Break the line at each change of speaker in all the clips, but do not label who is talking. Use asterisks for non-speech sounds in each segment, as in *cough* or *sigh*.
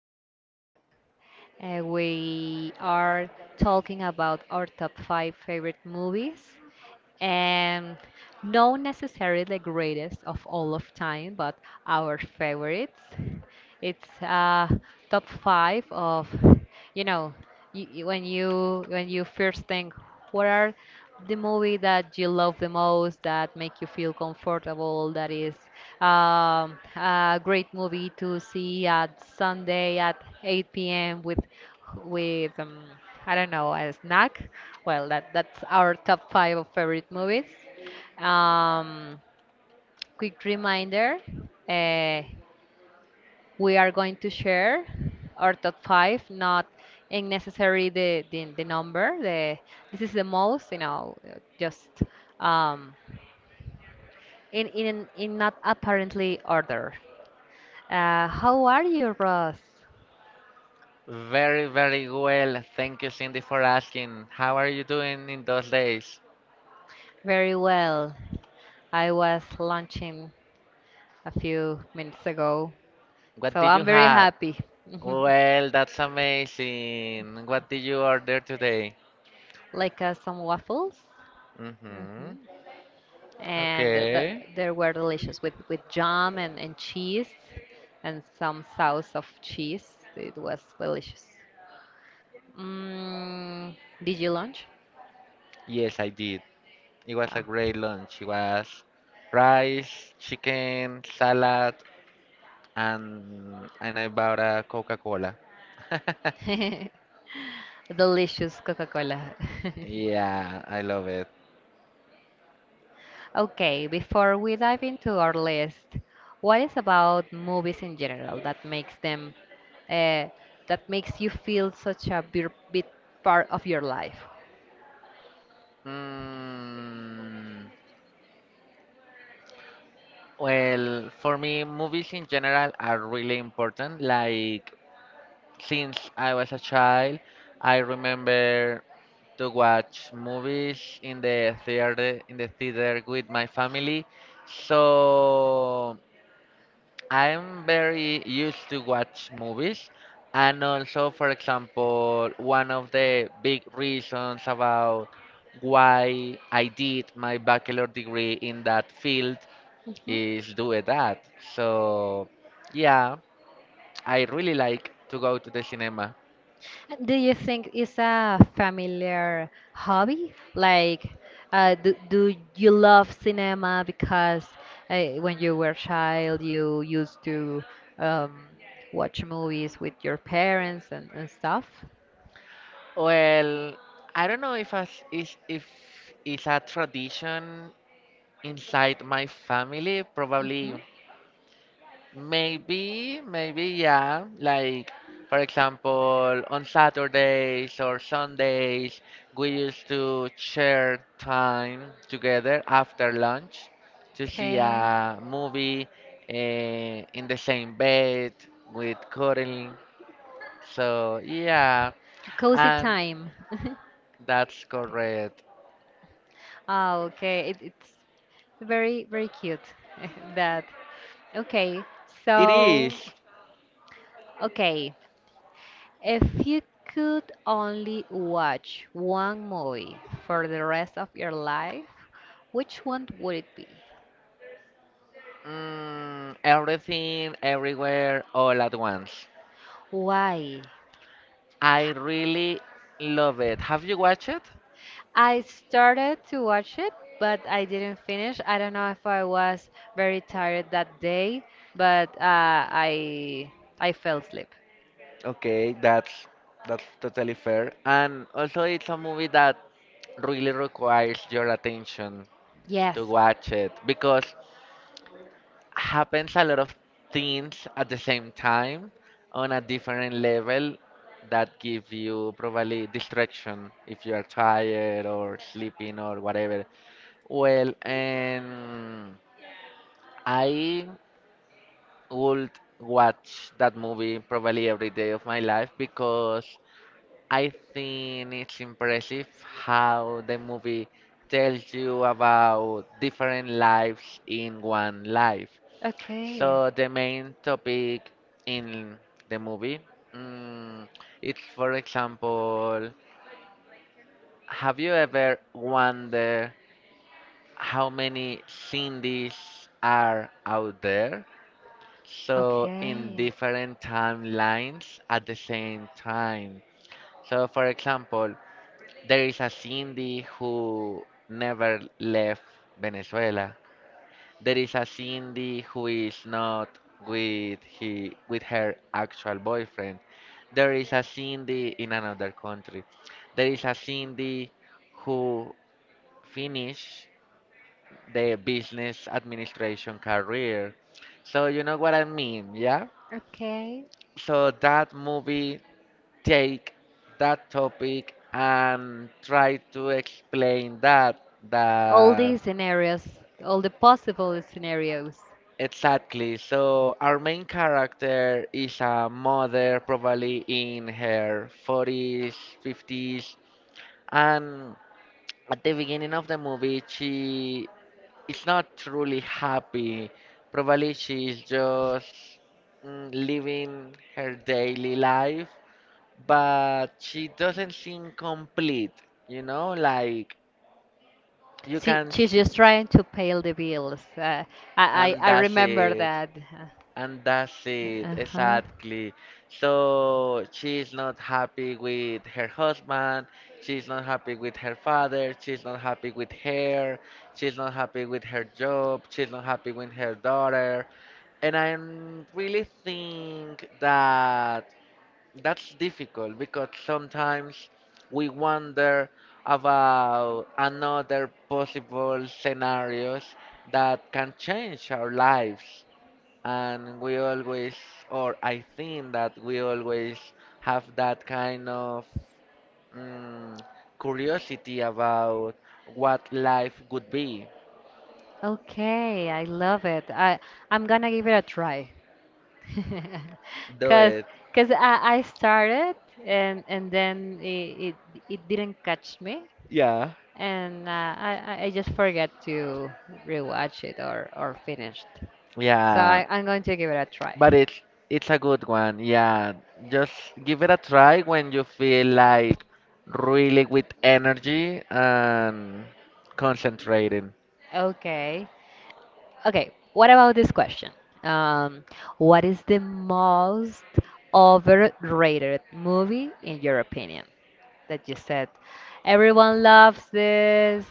Rosenberg. We are talking about our top five favorite movies, and not necessarily the greatest of all of time, but our favorites. It's top five of, you know, when you first think, what are the movie that you love the most that make you feel comfortable? That is a great movie to see at Sunday at 8 p.m. with with I don't know, a snack. Well, that's our top five of favorite movies. Um, Quick reminder. Uh, we are going to share our top five, not in necessary the number. The, this is the most, you know, just um, in, in not apparently order. How are you, Ross?
Very, very well. Thank you, Cindy, for asking. How are you doing in those days?
Very well. I was lunching a few minutes ago,
What
so
did you
I'm very
have?
happy. *laughs*
Well, that's amazing. What did you order today?
Like some waffles.
Mm-hmm.
Mhm. and
Okay.
th- they were delicious with jam and cheese and some sauce of cheese. It was delicious. Mm, did you lunch?
Yes, I did. It was a
Oh.
great lunch. It was rice, chicken, salad, and I bought a Coca-Cola.
*laughs* Delicious Coca-Cola. *laughs*
Yeah, I love it.
Okay, before we dive into our list, what is about movies in general that makes them, uh, that makes you feel such a big part of your life?
Mm. Well, for me, movies in general are really important. Like, since I was a child, I remember to watch movies in the theater with my family. So I'm very used to watch movies. And also, for example, one of the big reasons about why I did my bachelor degree in that field
Mhm.
is doing that. So, yeah, I really like to go to the cinema.
Do you think it's a familiar hobby? Like, do you love cinema because when you were a child you used to um, watch movies with your parents and stuff?
Well, I don't know if as is if it's a tradition inside my family. Probably.
Mhm.
Maybe, maybe, yeah. Like, for example, on Saturdays or Sundays, we used to share time together after lunch to see
Okay.
a movie uh, in the same bed with cuddling. So, yeah,
Cozy
and
time. *laughs*
that's correct.
Ah, okay. It, it's very, very cute *laughs* that. Okay,
It
so,
is
okay. If you could only watch one movie for the rest of your life, which one would it be?
mm, everything, everywhere, all at once.
Why?
I really love it. Have you watched it?
I started to watch it, but I didn't finish. I don't know if I was very tired that day, but I fell asleep.
Okay, that's totally fair. And also, it's a movie that really requires your attention
Yes.
to watch it because happens a lot of things at the same time on a different level that give you probably distraction if you are tired or sleeping or whatever. Well, and I would watch that movie probably every day of my life because I think it's impressive how the movie tells you about different lives in one life.
Okay.
So the main topic in the movie, mm, it's for example, have you ever wondered how many Cindy's are out there? So in
Okay.
different timelines at the same time. So, for example, there is a Cindy who never left Venezuela. There is a Cindy who is not with her actual boyfriend. There is a Cindy in another country. There is a Cindy who finished the business administration career. So you know what I mean, yeah?
Okay.
So that movie take that topic and try to explain that
All
that
these scenarios, all the possible scenarios.
exactly. So our main character is a mother probably in her 40s, 50s, and at the beginning of the movie she is not truly happy. Probably she is just living her daily life, but she doesn't seem complete, you know, like you
She,
can
she's
see,
just trying to pay the bills. Uh, I,
and
I, I
that's
remember
it,
that.
and that's it,
Uh huh.
exactly. So she's not happy with her husband, she's not happy with her father, she's not happy with her, she's not happy with her job, she's not happy with her daughter, and I really think that. That's difficult because sometimes we wonder about another possible scenarios that can change our lives. And we always, or I think that we always have that kind of mm, curiosity about what life would be.
Okay, I love it. I'm gonna give it a try. *laughs*
Do
Cause,
it.
cause I started and then it it didn't catch me
Yeah.
and I just forget to rewatch it or finished. So
Yeah,
I, I'm going to give it a try.
but it's a good one. Yeah, just give it a try when you feel like really with energy and concentrating.
Okay. Okay. What about this question? Um, what is the most overrated movie in your opinion? That you said. Everyone loves this.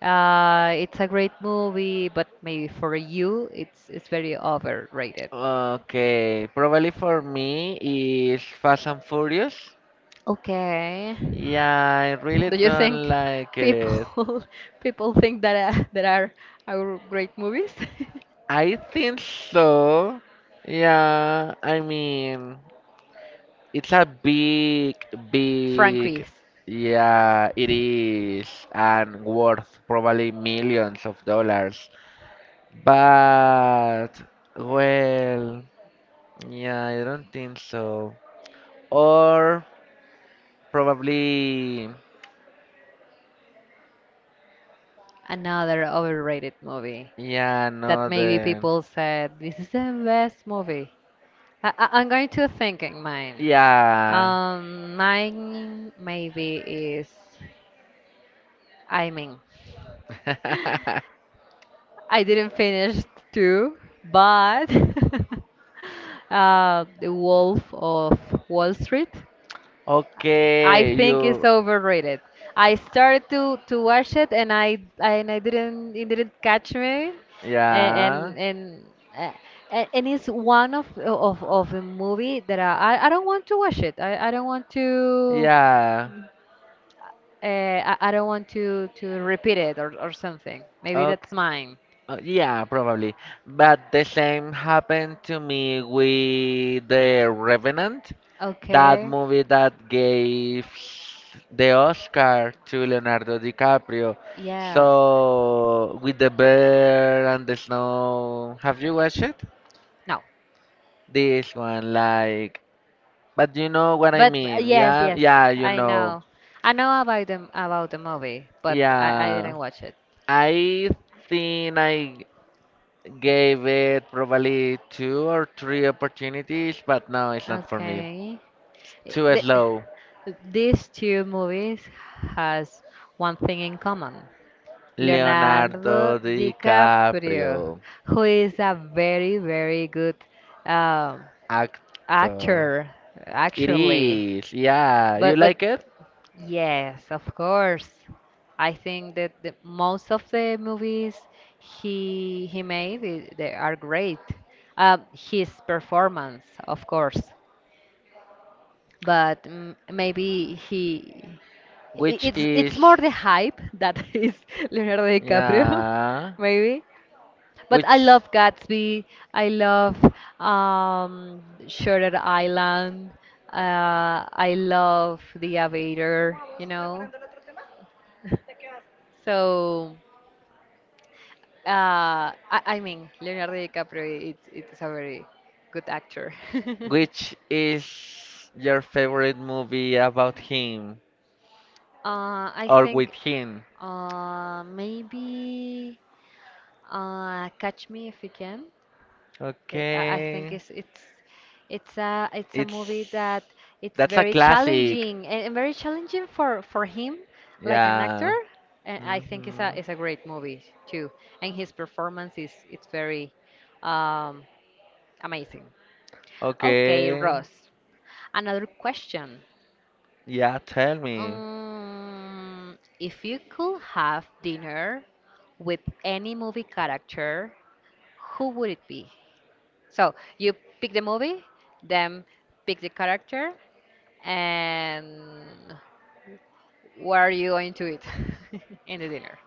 It's a great movie, but maybe for you, it's very overrated.
Okay, probably for me is Fast and Furious.
Okay.
Yeah, I really
Do you
don't
think
like it.
people *laughs* people think that there are our great movies? *laughs*
I think so. Yeah, I mean, it's a big, big,
Frankies,
yeah, it is, and worth probably millions of dollars. But, well, yeah, I don't think so. Or probably,
another overrated movie
yeah,
that
no,
maybe
the,
people said this is the best movie. I'm going to think in mine.
yeah.
Mine maybe is, I mean,
*laughs*
*laughs* I didn't finish two, but *laughs* The Wolf of Wall Street. I
Okay,
think it's
you,
overrated. I started to watch it and I didn't it didn't catch me and and
yeah,
and, uh, and it's one of the movie that I don't want to watch it. I don't want to.
yeah,
Uh, I don't want to repeat it or something. Maybe
okay.
that's mine.
Yeah, probably. But the same happened to me with The Revenant, that
Okay.
movie that gave the Oscar to Leonardo DiCaprio.
Yes.
So, with the bear and the snow, have you watched it?
No.
This one, like, but you know what I
But
mean.
yes,
Yeah,
yes,
yeah, you
I
know.
know. I know about the movie, but I
Yeah,
didn't watch it.
I think I gave it probably two or three opportunities, but no, it's not for me.
Okay.
Too slow.
*laughs* These two movies has one thing in common.
Leonardo
Leonardo DiCaprio,
DiCaprio,
who is a very, very good um,
actor.
actor
It
actually,
is, yeah. You
but
like it?
yes, of course. I think that the most of the movies he made they are great, his performance, of course, but maybe
Which
it's
is,
more the hype that *laughs* is Leonardo DiCaprio.
yeah.
*laughs* Maybe. But I
Which,
love Gatsby. I love Shutter Island. I love The Aviator, you know. So, uh, I mean, Leonardo DiCaprio, it's a very good actor. *laughs*
which is your favorite movie about him?
I
Or with
think
him.
maybe Catch Me If You Can. It, I think
Okay,
it's it's a movie
it's
that it's
that's a
very
classic.
challenging and very challenging for him like an
Yeah.
actor. And I think
Hmm.
it's a great movie too. And his performance is it's very um, amazing. Okay,
Okay.
Ross. Another question.
Yeah, tell me.
If you could have dinner with any movie character, who would it be? So you pick the movie, then pick the character, and what are you going to eat *laughs* in the dinner?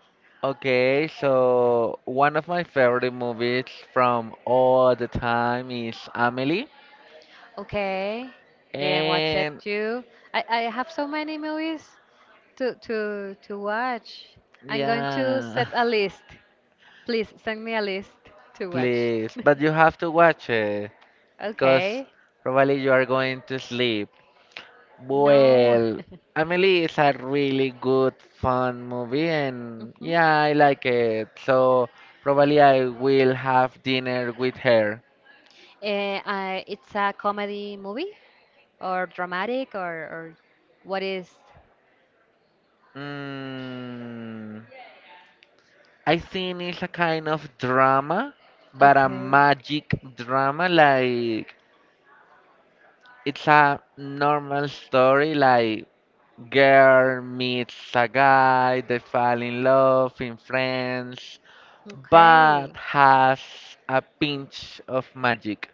Okay, so one of my favorite movies from all the time is Amelie.
Okay, didn't watch it
And
too. I have so many movies to watch. I'm going to
yeah,
set a list. Please send me a list
*laughs*
to watch.
please, but you have to watch it
*laughs*
because
Okay.
probably you are going to sleep.
No.
Well,
*laughs*
Amelie is a really good, fun movie, and
Mhm.
yeah, I like it. So probably I will have dinner with her.
It's a comedy movie, or dramatic or what is.
Mm, I think it's a kind of drama, but a
Okay.
magic drama, like it's a normal story like girl meets a guy, they fall in love, in friends,
Okay.
but has a pinch of magic.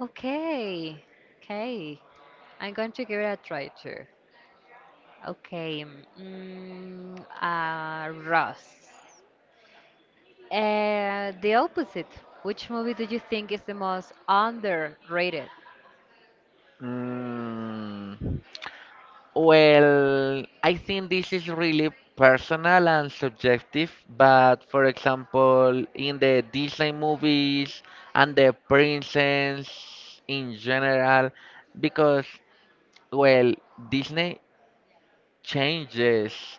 Okay, okay, I'm going to give it a try too. Okay. Ross, the opposite: which movie do you think is the most underrated?
Mm. Well, I think this is really personal and subjective, but for example, in the Disney movies and the princess in general, because, well, Disney changes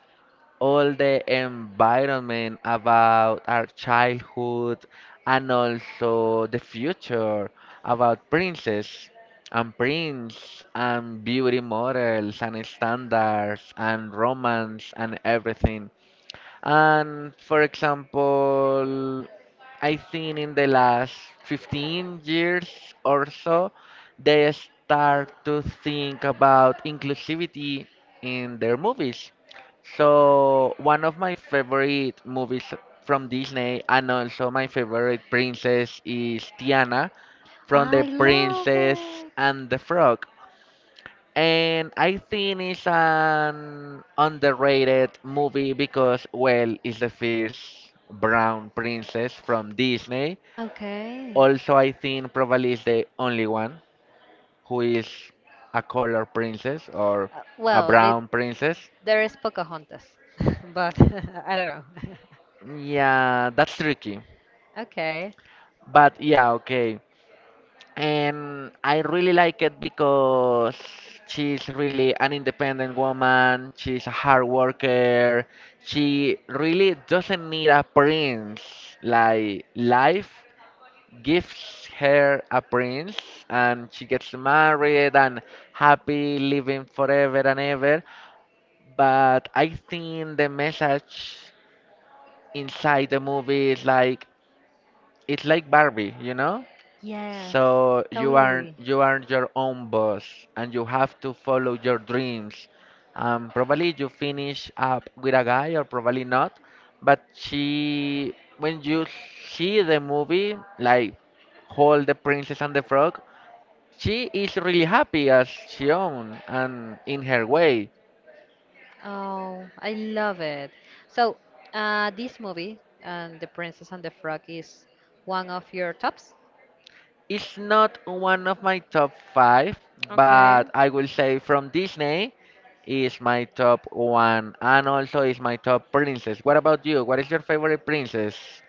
all the environment about our childhood and also the future about princes and prince and beauty models and standards and romance and everything. And for example, I think in the last 15 years or so, they start to think about inclusivity in their movies. So, one of my favorite movies from Disney and also my favorite princess is Tiana from The
I love
Princess
it.
and the Frog. And I think it's an underrated movie because, well, it's the first brown princess from Disney.
Okay.
Also, I think probably is the only one who is a color princess or a
Well,
brown princess.
there is Pocahontas, *laughs* but *laughs* I don't know.
Yeah, that's tricky.
*laughs* Okay.
But yeah, okay. And I really like it because she's really an independent woman, she's a hard worker, she really doesn't need a prince. Like, life gives her a prince, and she gets married and happy living forever and ever. But I think the message inside the movie is like, it's like Barbie, you know?
Yes,
So you are
totally.
you are your own boss and you have to follow your dreams. Probably you finish up with a guy or probably not, but she when you see the movie like Hold the Princess and the Frog, she is really happy as she own and in her way.
Oh, I love it. So, this movie, The Princess and the Frog, is one of your tops?
It's not one of my top five, but I will say from Disney is my top one, and also is my top princess. What about you? What is your favorite princess,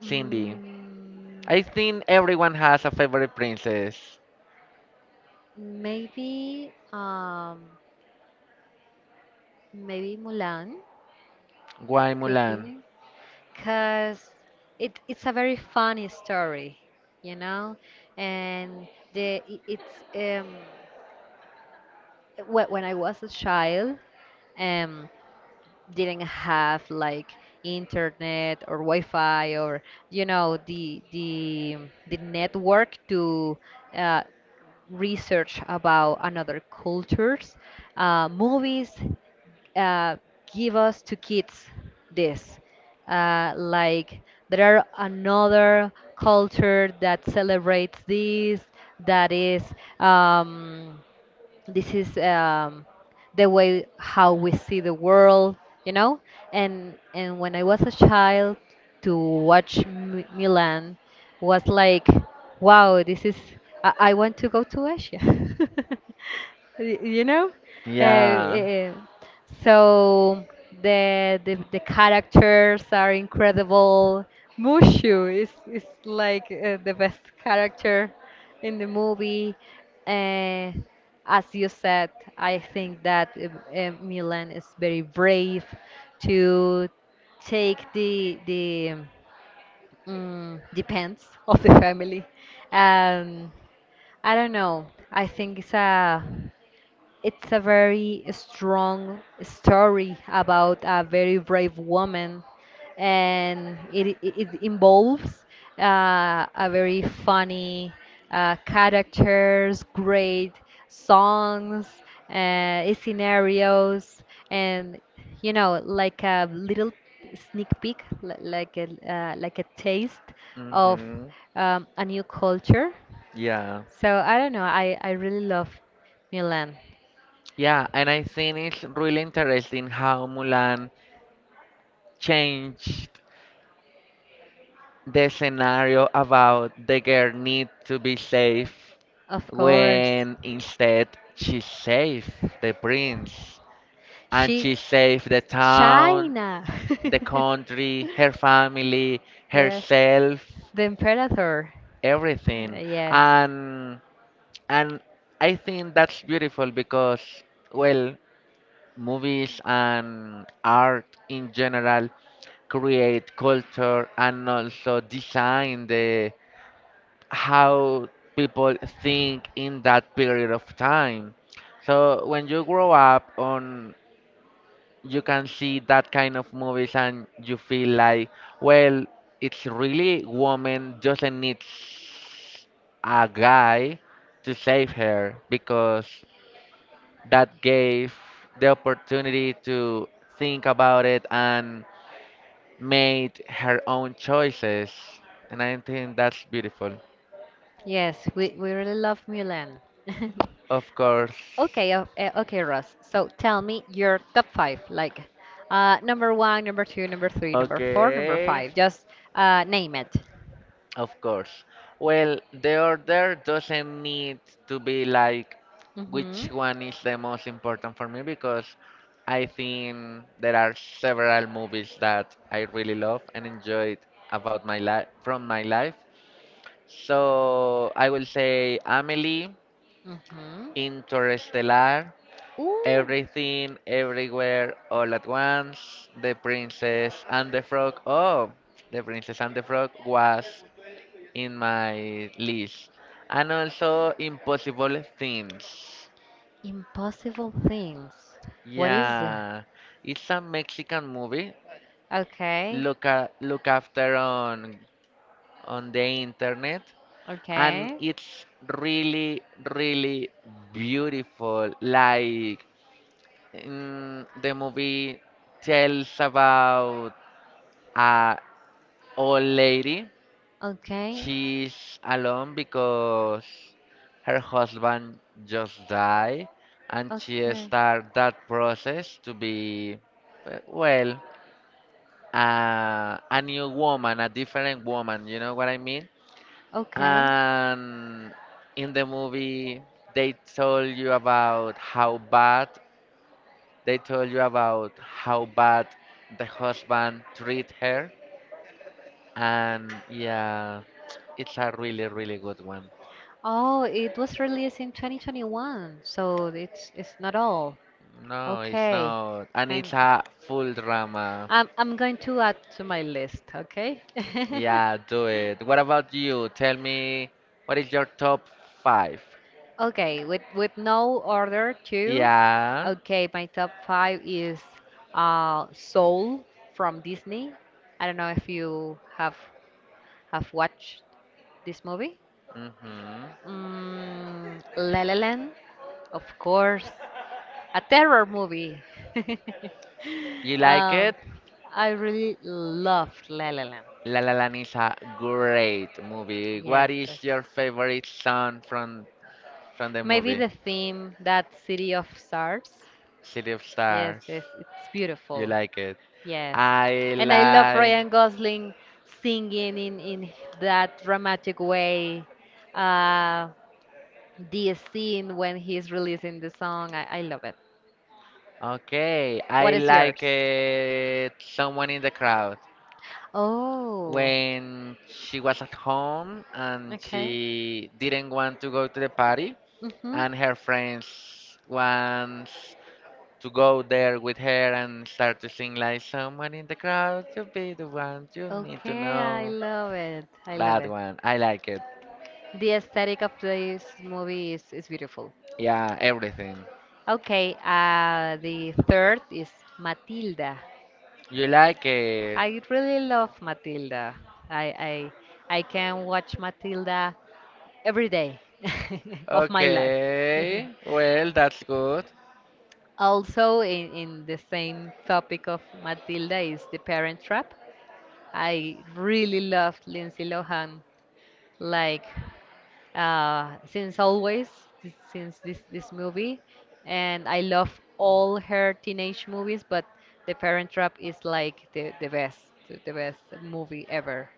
Cindy?
Mm,
I think everyone has a favorite princess.
maybe, maybe Mulan
Why
could
Mulan?
be, because it, it's a very funny story, you know, and it's when I was a child. Um, didn't have like internet or Wi-Fi or you know the network to uh, research about another cultures. Movies uh, give us to kids this like there are another culture that celebrates this that is um, this is the way how we see the world, you know. And when I was a child to watch Milan was like, wow, this is, I want to go to Asia. *laughs* You know, uh,
Yeah.
uh, so the characters are incredible. Mushu is like the best character in the movie. Uh, as you said, I think that Milan is very brave to take the the of the family. Um, I don't know. I think it's a very strong story about a very brave woman, and it involves a very funny characters, great songs, scenarios, and, you know, like a little sneak peek, like a taste of
Mhm.
a new culture.
Yeah.
So I don't know. I really love Milan.
Yeah, and I think it's really interesting how Mulan changed the scenario about the girl need to be safe
Of course.
when instead she saved the prince and
She
she saved the town,
China.
the country, her
*laughs*
family,
Yes.
herself,
The Imperator.
everything.
Yes.
And and I think that's beautiful because, well, movies and art in general create culture and also design the how people think in that period of time. So when you grow up on you can see that kind of movies and you feel like, well, it's really woman doesn't need s- a guy to save her because that gave the opportunity to think about it and made her own choices. And I think that's beautiful.
Yes, we really love Mulan. *laughs*
Of course.
Okay, okay, Ross. So tell me your top five, like number one, number two, number three, number four, number
Okay,
five. Just name it.
of course. Well, the order doesn't need to be like
Mm-hmm.
which one is the most important for me because I think there are several movies that I really love and enjoyed about my life from my life. So I will say Amelie,
Mm-hmm.
Interstellar,
Ooh.
Everything, Everywhere, All at Once, The Princess and the Frog. Oh, the Princess and the Frog was in my list. And also Impossible Things.
Impossible things. What is that?
Yeah, it's a Mexican movie.
Okay.
Look after on the internet, and
Okay.
it's really, really beautiful. Like the movie tells about a old lady.
Okay.
She's alone because her husband just died and she
Okay.
start that process to be, well, a new woman, a different woman, you know what I mean?
Okay.
And in the movie, they told you about how bad, they told you about how bad the husband treat her. And yeah, it's a really, really good one.
Oh, it was released in 2021, so it's not all.
No, it's
Okay.
not. And it's
Hang.
a full drama.
I'm going to add to my list. Okay. *laughs*
Yeah, do it. What about you? Tell me, what is your top five?
Okay, with no order too.
Yeah.
Okay, my top five is Soul from Disney. I don't know if you have watched this movie.
Mm-hmm.
La La Land, of course, a terror movie. *laughs*
You like it?
um, I really loved La La Land.
La La Land is a great movie. What
Yes, but
is your favorite song from the
maybe
movie?
the theme that City of Stars.
City of
Yes,
Stars.
yes, it's
You
beautiful.
like it?
Yes,
I
and I love
like.
Ryan Gosling singing in that dramatic way. Uh, the scene when he's releasing the song, I love it.
Okay, I
What is
like
yours?
it. Someone in the crowd.
Oh,
When she was at home and
okay.
she didn't want to go to the party
Mm-hmm.
and her friends wants to go there with her and start to sing like someone in the crowd to be the one you need to
Okay, I
know.
love it. I love
That
it.
one I like it.
The aesthetic of this movie is beautiful.
Yeah, everything.
Okay, the third is Matilda.
You like it?
I really love Matilda. I I I can watch Matilda every day *laughs* of my life.
Okay,
*laughs*
well, that's good.
Also, in the same topic of Matilda is the Parent Trap. I really loved Lindsay Lohan, like, since always, since this movie, and I love all her teenage movies, but The Parent Trap is like the best movie ever.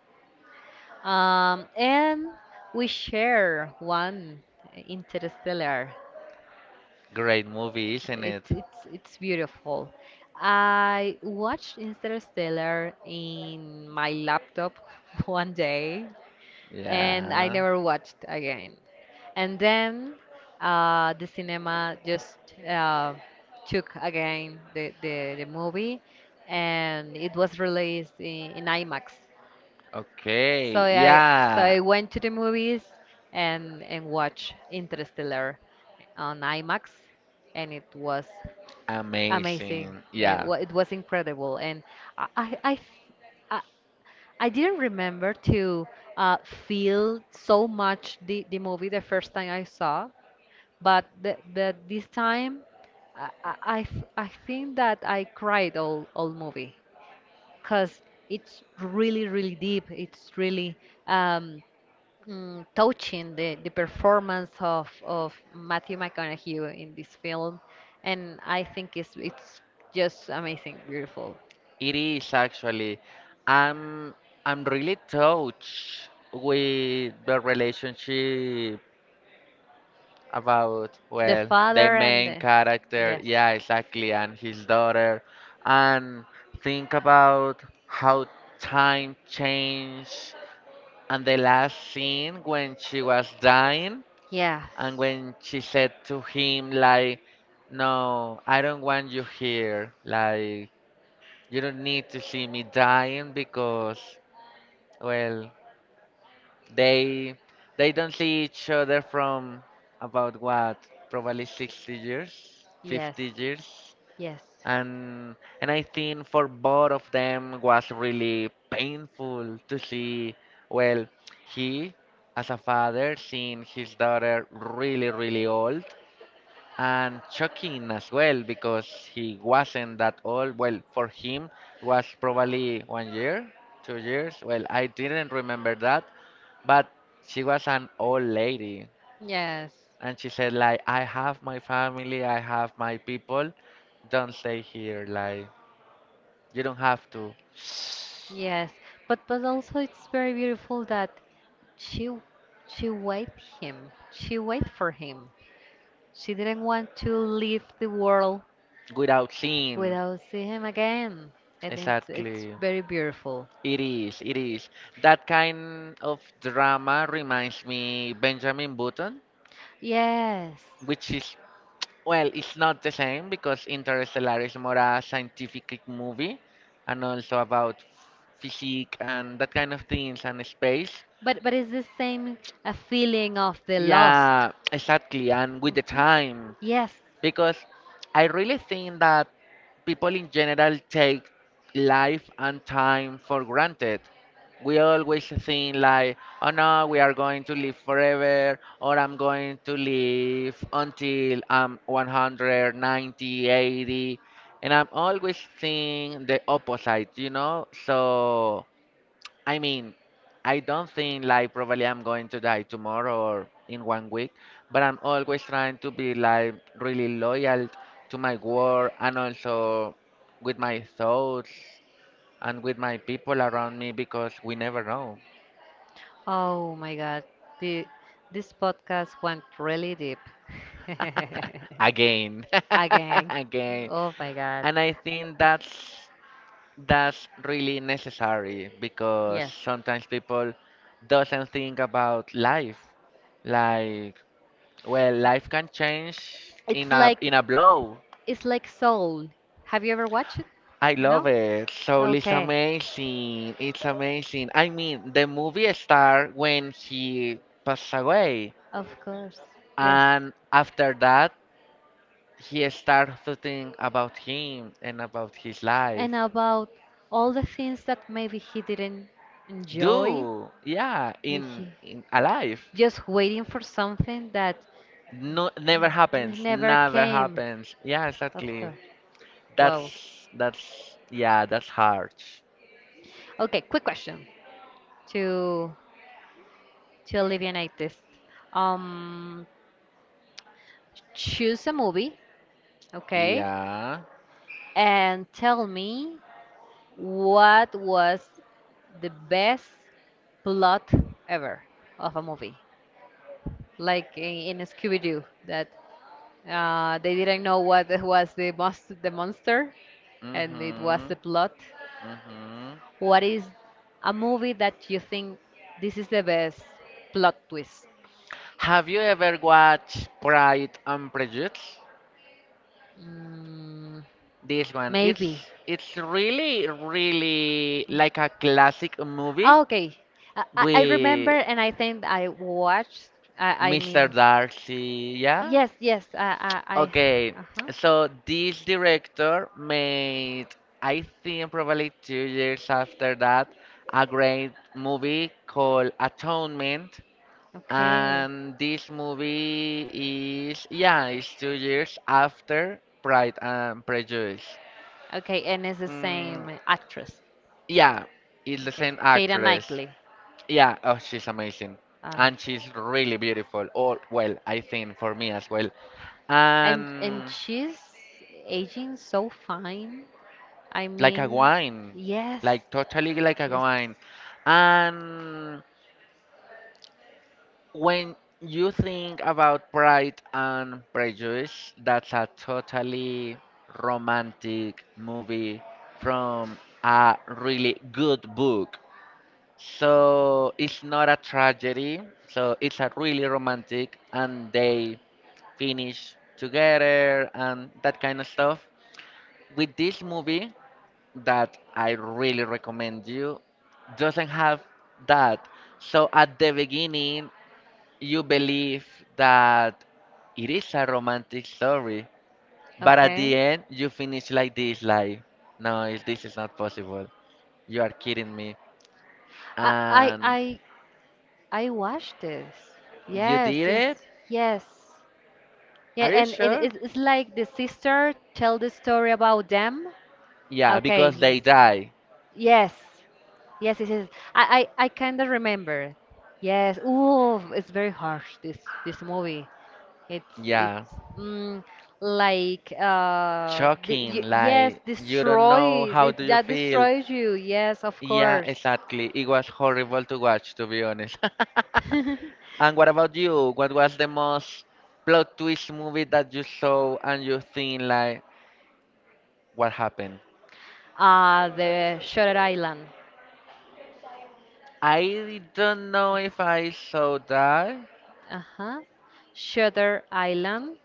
And we share one: Interstellar.
Great movie, isn't it?
It's beautiful. I watched Interstellar in my laptop *laughs* one day and I
Yeah.
never watched again. And then the cinema just uh, took again the movie, and it was released in IMAX. So
Okay,
I so
yeah,
I went to the movies and watched Interstellar on IMAX, and it was amazing.
amazing.
It,
Yeah,
it was incredible, and I f- I I didn't remember to feel so much the movie the first time I saw, but the, this time I think that I cried all movie because it's really, really deep. It's really um, touching the performance of Matthew McConaughey in this film. And I think it's just amazing, beautiful.
it is actually. I'm I'm really touched with the relationship about,
The
well, the
father and
main
the.
character.
Yes.
Yeah, exactly, and his daughter. And think about how time changed and the last scene when she was dying.
Yes.
And when she said to him, like, no, I don't want you here. Like, you don't need to see me dying because, well, they they don't see each other from about what? Probably 60 years,
you Yes.
50 years.
Yes.
And and I think for both of them was really painful to see, well, he as a father seeing his daughter really, really old and shocking as well because he wasn't that old. Well, for him was probably one year, 2 years. Well, I didn't remember that, but she was an old lady,
Yes.
and she said like, "I have my family, I have my people. Don't stay here. Like, you don't have to."
Yes. But also it's very beautiful that she she wait him. She wait for him. She didn't want to leave the world
Without seeing,
without seeing him again. And it's
exactly.
very beautiful.
It is, it is. That kind of drama reminds me Benjamin Button.
Yes.
Which is Well, it's not the same because Interstellar is more a scientific movie and also about physique and that kind of things and space.
But it's the same a feeling of the lost.
Yeah, exactly. And with the
Mhm.
time,
Yes.
because I really think that people in general take life and time for granted. We always think like, oh no, we are going to live forever, or I'm going to live until I'm 190, 80, and I'm always seeing the opposite, you know? So I mean, I don't think like probably I'm going to die tomorrow or in one week, but I'm always trying to be like really loyal to my work and also with my thoughts and with my people around me because we never know.
Oh my God. The, this podcast went really deep. *laughs*
*laughs* Again. *laughs*
Again.
Again.
Oh my God.
And I think
*laughs*
that's really necessary because
Yes.
sometimes people doesn't think about life like, well, life can change
It's
in a
like
in a blow.
it's like Soul. Have you ever watched it?
I love
No?
it. So it's
Okay.
amazing. It's amazing. I mean, the movie started when he passed away,
Of course. Yes.
and after that, he started to think about him and about his life.
And about all the things that maybe he didn't enjoy,
Do Yeah,
he,
in
he-
in a life.
just waiting for something that
No, never
n-
happens.
never
Never
came.
happens. Yeah,
Of
exactly.
course. Wow.
That's Yeah, that's hard.
Okay, quick question to to alleviate this, Um, choose a movie, okay,
Yeah.
and tell me what was the best plot ever of a movie, like in Scooby Doo that they didn't know what *laughs* was the monster, and it was the
Mhm.
plot.
Mhm.
What is a movie that you think this is the best plot twist?
Have you ever watched Pride and Prejudice?
Mm,
This one,
maybe.
it's really really like a classic movie
Okay. I remember,
with
and I think I watched. I
Mr.
mean,
Darcy, yeah?
yes, yes. I
Okay,
Okay. Uh-huh.
so this director made, I think probably 2 years after that, a great movie called Atonement.
Okay.
And this movie is, yeah, it's 2 years after Pride and Prejudice.
Okay, and it's the
Mm,
same actress.
yeah, it's the
Okay.
same
Keira
actress.
Knightley.
Yeah, oh, she's amazing.
Uh,
And she's really beautiful. Oh, well, I think for me as well.
and
And
she's aging so fine. I like a
like a
mean,
wine,
yes.
like totally like a
it's-
wine. And when you think about Pride and Prejudice, that's a totally romantic movie from a really good book. So it's not a tragedy, so it's a really romantic and they finish together and that kind of stuff. With this movie that I really recommend you, doesn't have that. So at the beginning, you believe that it is a romantic story, but at the
Okay.
end you finish like this, like, no, this is not possible. You are kidding me.
I I Uh, I
And
I watched this.
you
Yes,
did
yes,
it?
yes. Yeah, are
Are
you
you
and it, sure?
sure?
It's like the sister tell the story about them. Yeah,
Yeah,
okay,
because they die.
yes, they yes, yes, yes. Yes. I I kind of remember. Yes. Ooh, it's very harsh this movie. It's
Yeah,
mm, like, the,
shocking.
y yes,
Like you don't know
destroy
how
this
do you
that
feel.
destroys you. Yes, of
Yeah,
course.
exactly. It was horrible to watch, to be honest. *laughs* And what about you? What was the most plot twist movie that you saw and you think like? What happened?
The Shutter Island.
I don't know if I saw that.
Uh-huh. Shutter Island.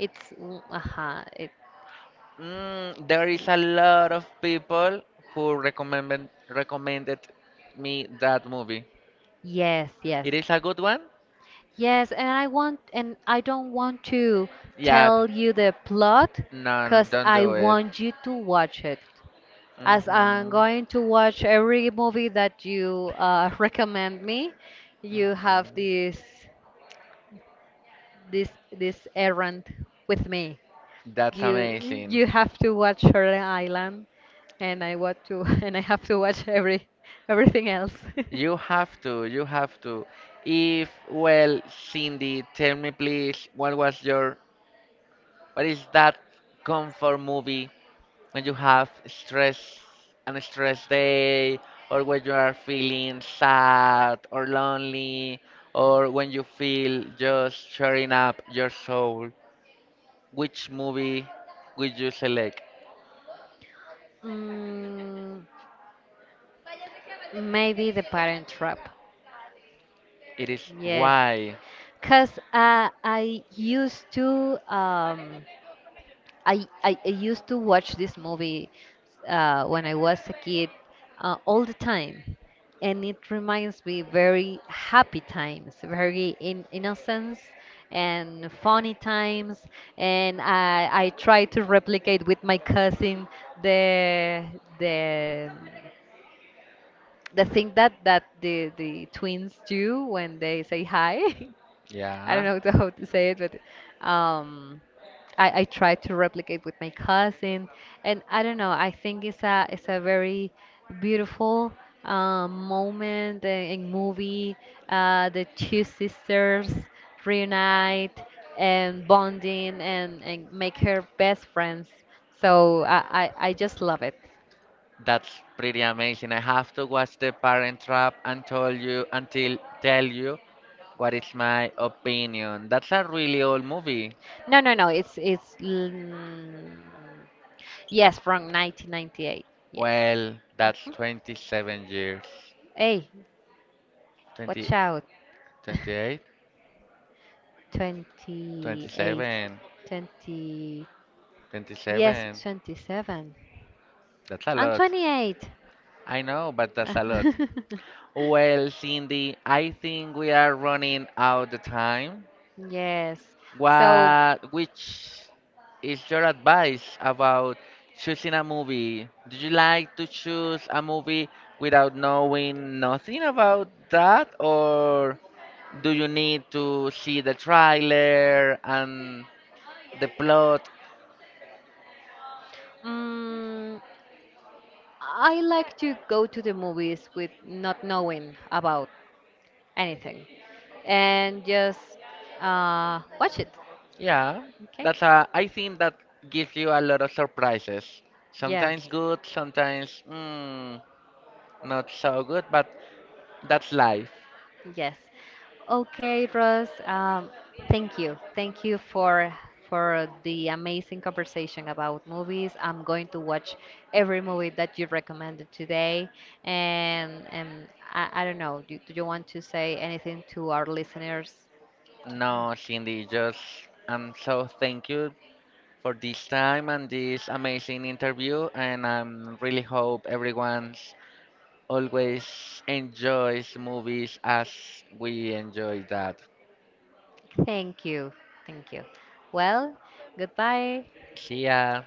Uh-huh.
Mm, there is a lot of people who recommended me that movie.
Yes, yes.
It is a good one?
Yes, and I don't want to
Yeah,
tell you the plot,
no,
cause
don't
I
do it.
want you to watch it. As I'm
Hmm.
going to watch every movie that you *laughs* recommend me, you have
Hmm.
this errand with me.
That's
You
amazing.
you have to watch Shutter Island, and I want to *laughs* and I have to watch everything else. *laughs*
You have to, you have to. If, well, Cindy, tell me please, what was your, what is that comfort movie when you have stress and stress day or when you are feeling sad or lonely or when you feel just cheering up your soul, which movie would you select?
mm, Maybe The Parent Trap.
It is.
Yes,
Why?
because I used to. I used to watch this movie when I was a kid all the time, and it reminds me very happy times, very innocence and funny times. And I try to replicate with my cousin the the the thing that the twins do when they say hi. *laughs* I
Yeah,
don't know *laughs* how to say it, but I try to replicate with my cousin, and I don't know. I think it's a very beautiful moment a in movie. The two sisters reunite and bonding and make her best friends. So I just love it.
that's pretty amazing. I have to watch The Parent Trap and tell you what is my opinion. That's a really old movie.
No, no, no. Yes, from 1998. Yes.
Well, that's
Hmm?
27 years.
Hey,
20
watch out. *laughs*
28,
28,
27,
20, yes,
27.
27,
That's a
and
lot.
28.
I know, but that's a lot.
*laughs*
Well, Cindy, I think we are running out of time.
Yes. So,
What, which is your advice about choosing a movie? Do you like to choose a movie without knowing nothing about that, or do you need to see the trailer and the plot?
mm, I like to go to the movies with not knowing about anything and just watch it.
Yeah,
Okay?
that's a. I think that gives you a lot of surprises.
Yes.
Sometimes good, sometimes, not so good, but that's life.
Yes. Okay, Ross. Thank you. Thank you for the amazing conversation about movies. I'm going to watch every movie that you recommended today. And I don't know. Do you want to say anything to our listeners?
No, Cindy, just I'm so thank you for this time and this amazing interview, and I'm really hope everyone's always enjoys movies as we enjoy that.
Thank you. Thank you. Well, goodbye.
See ya.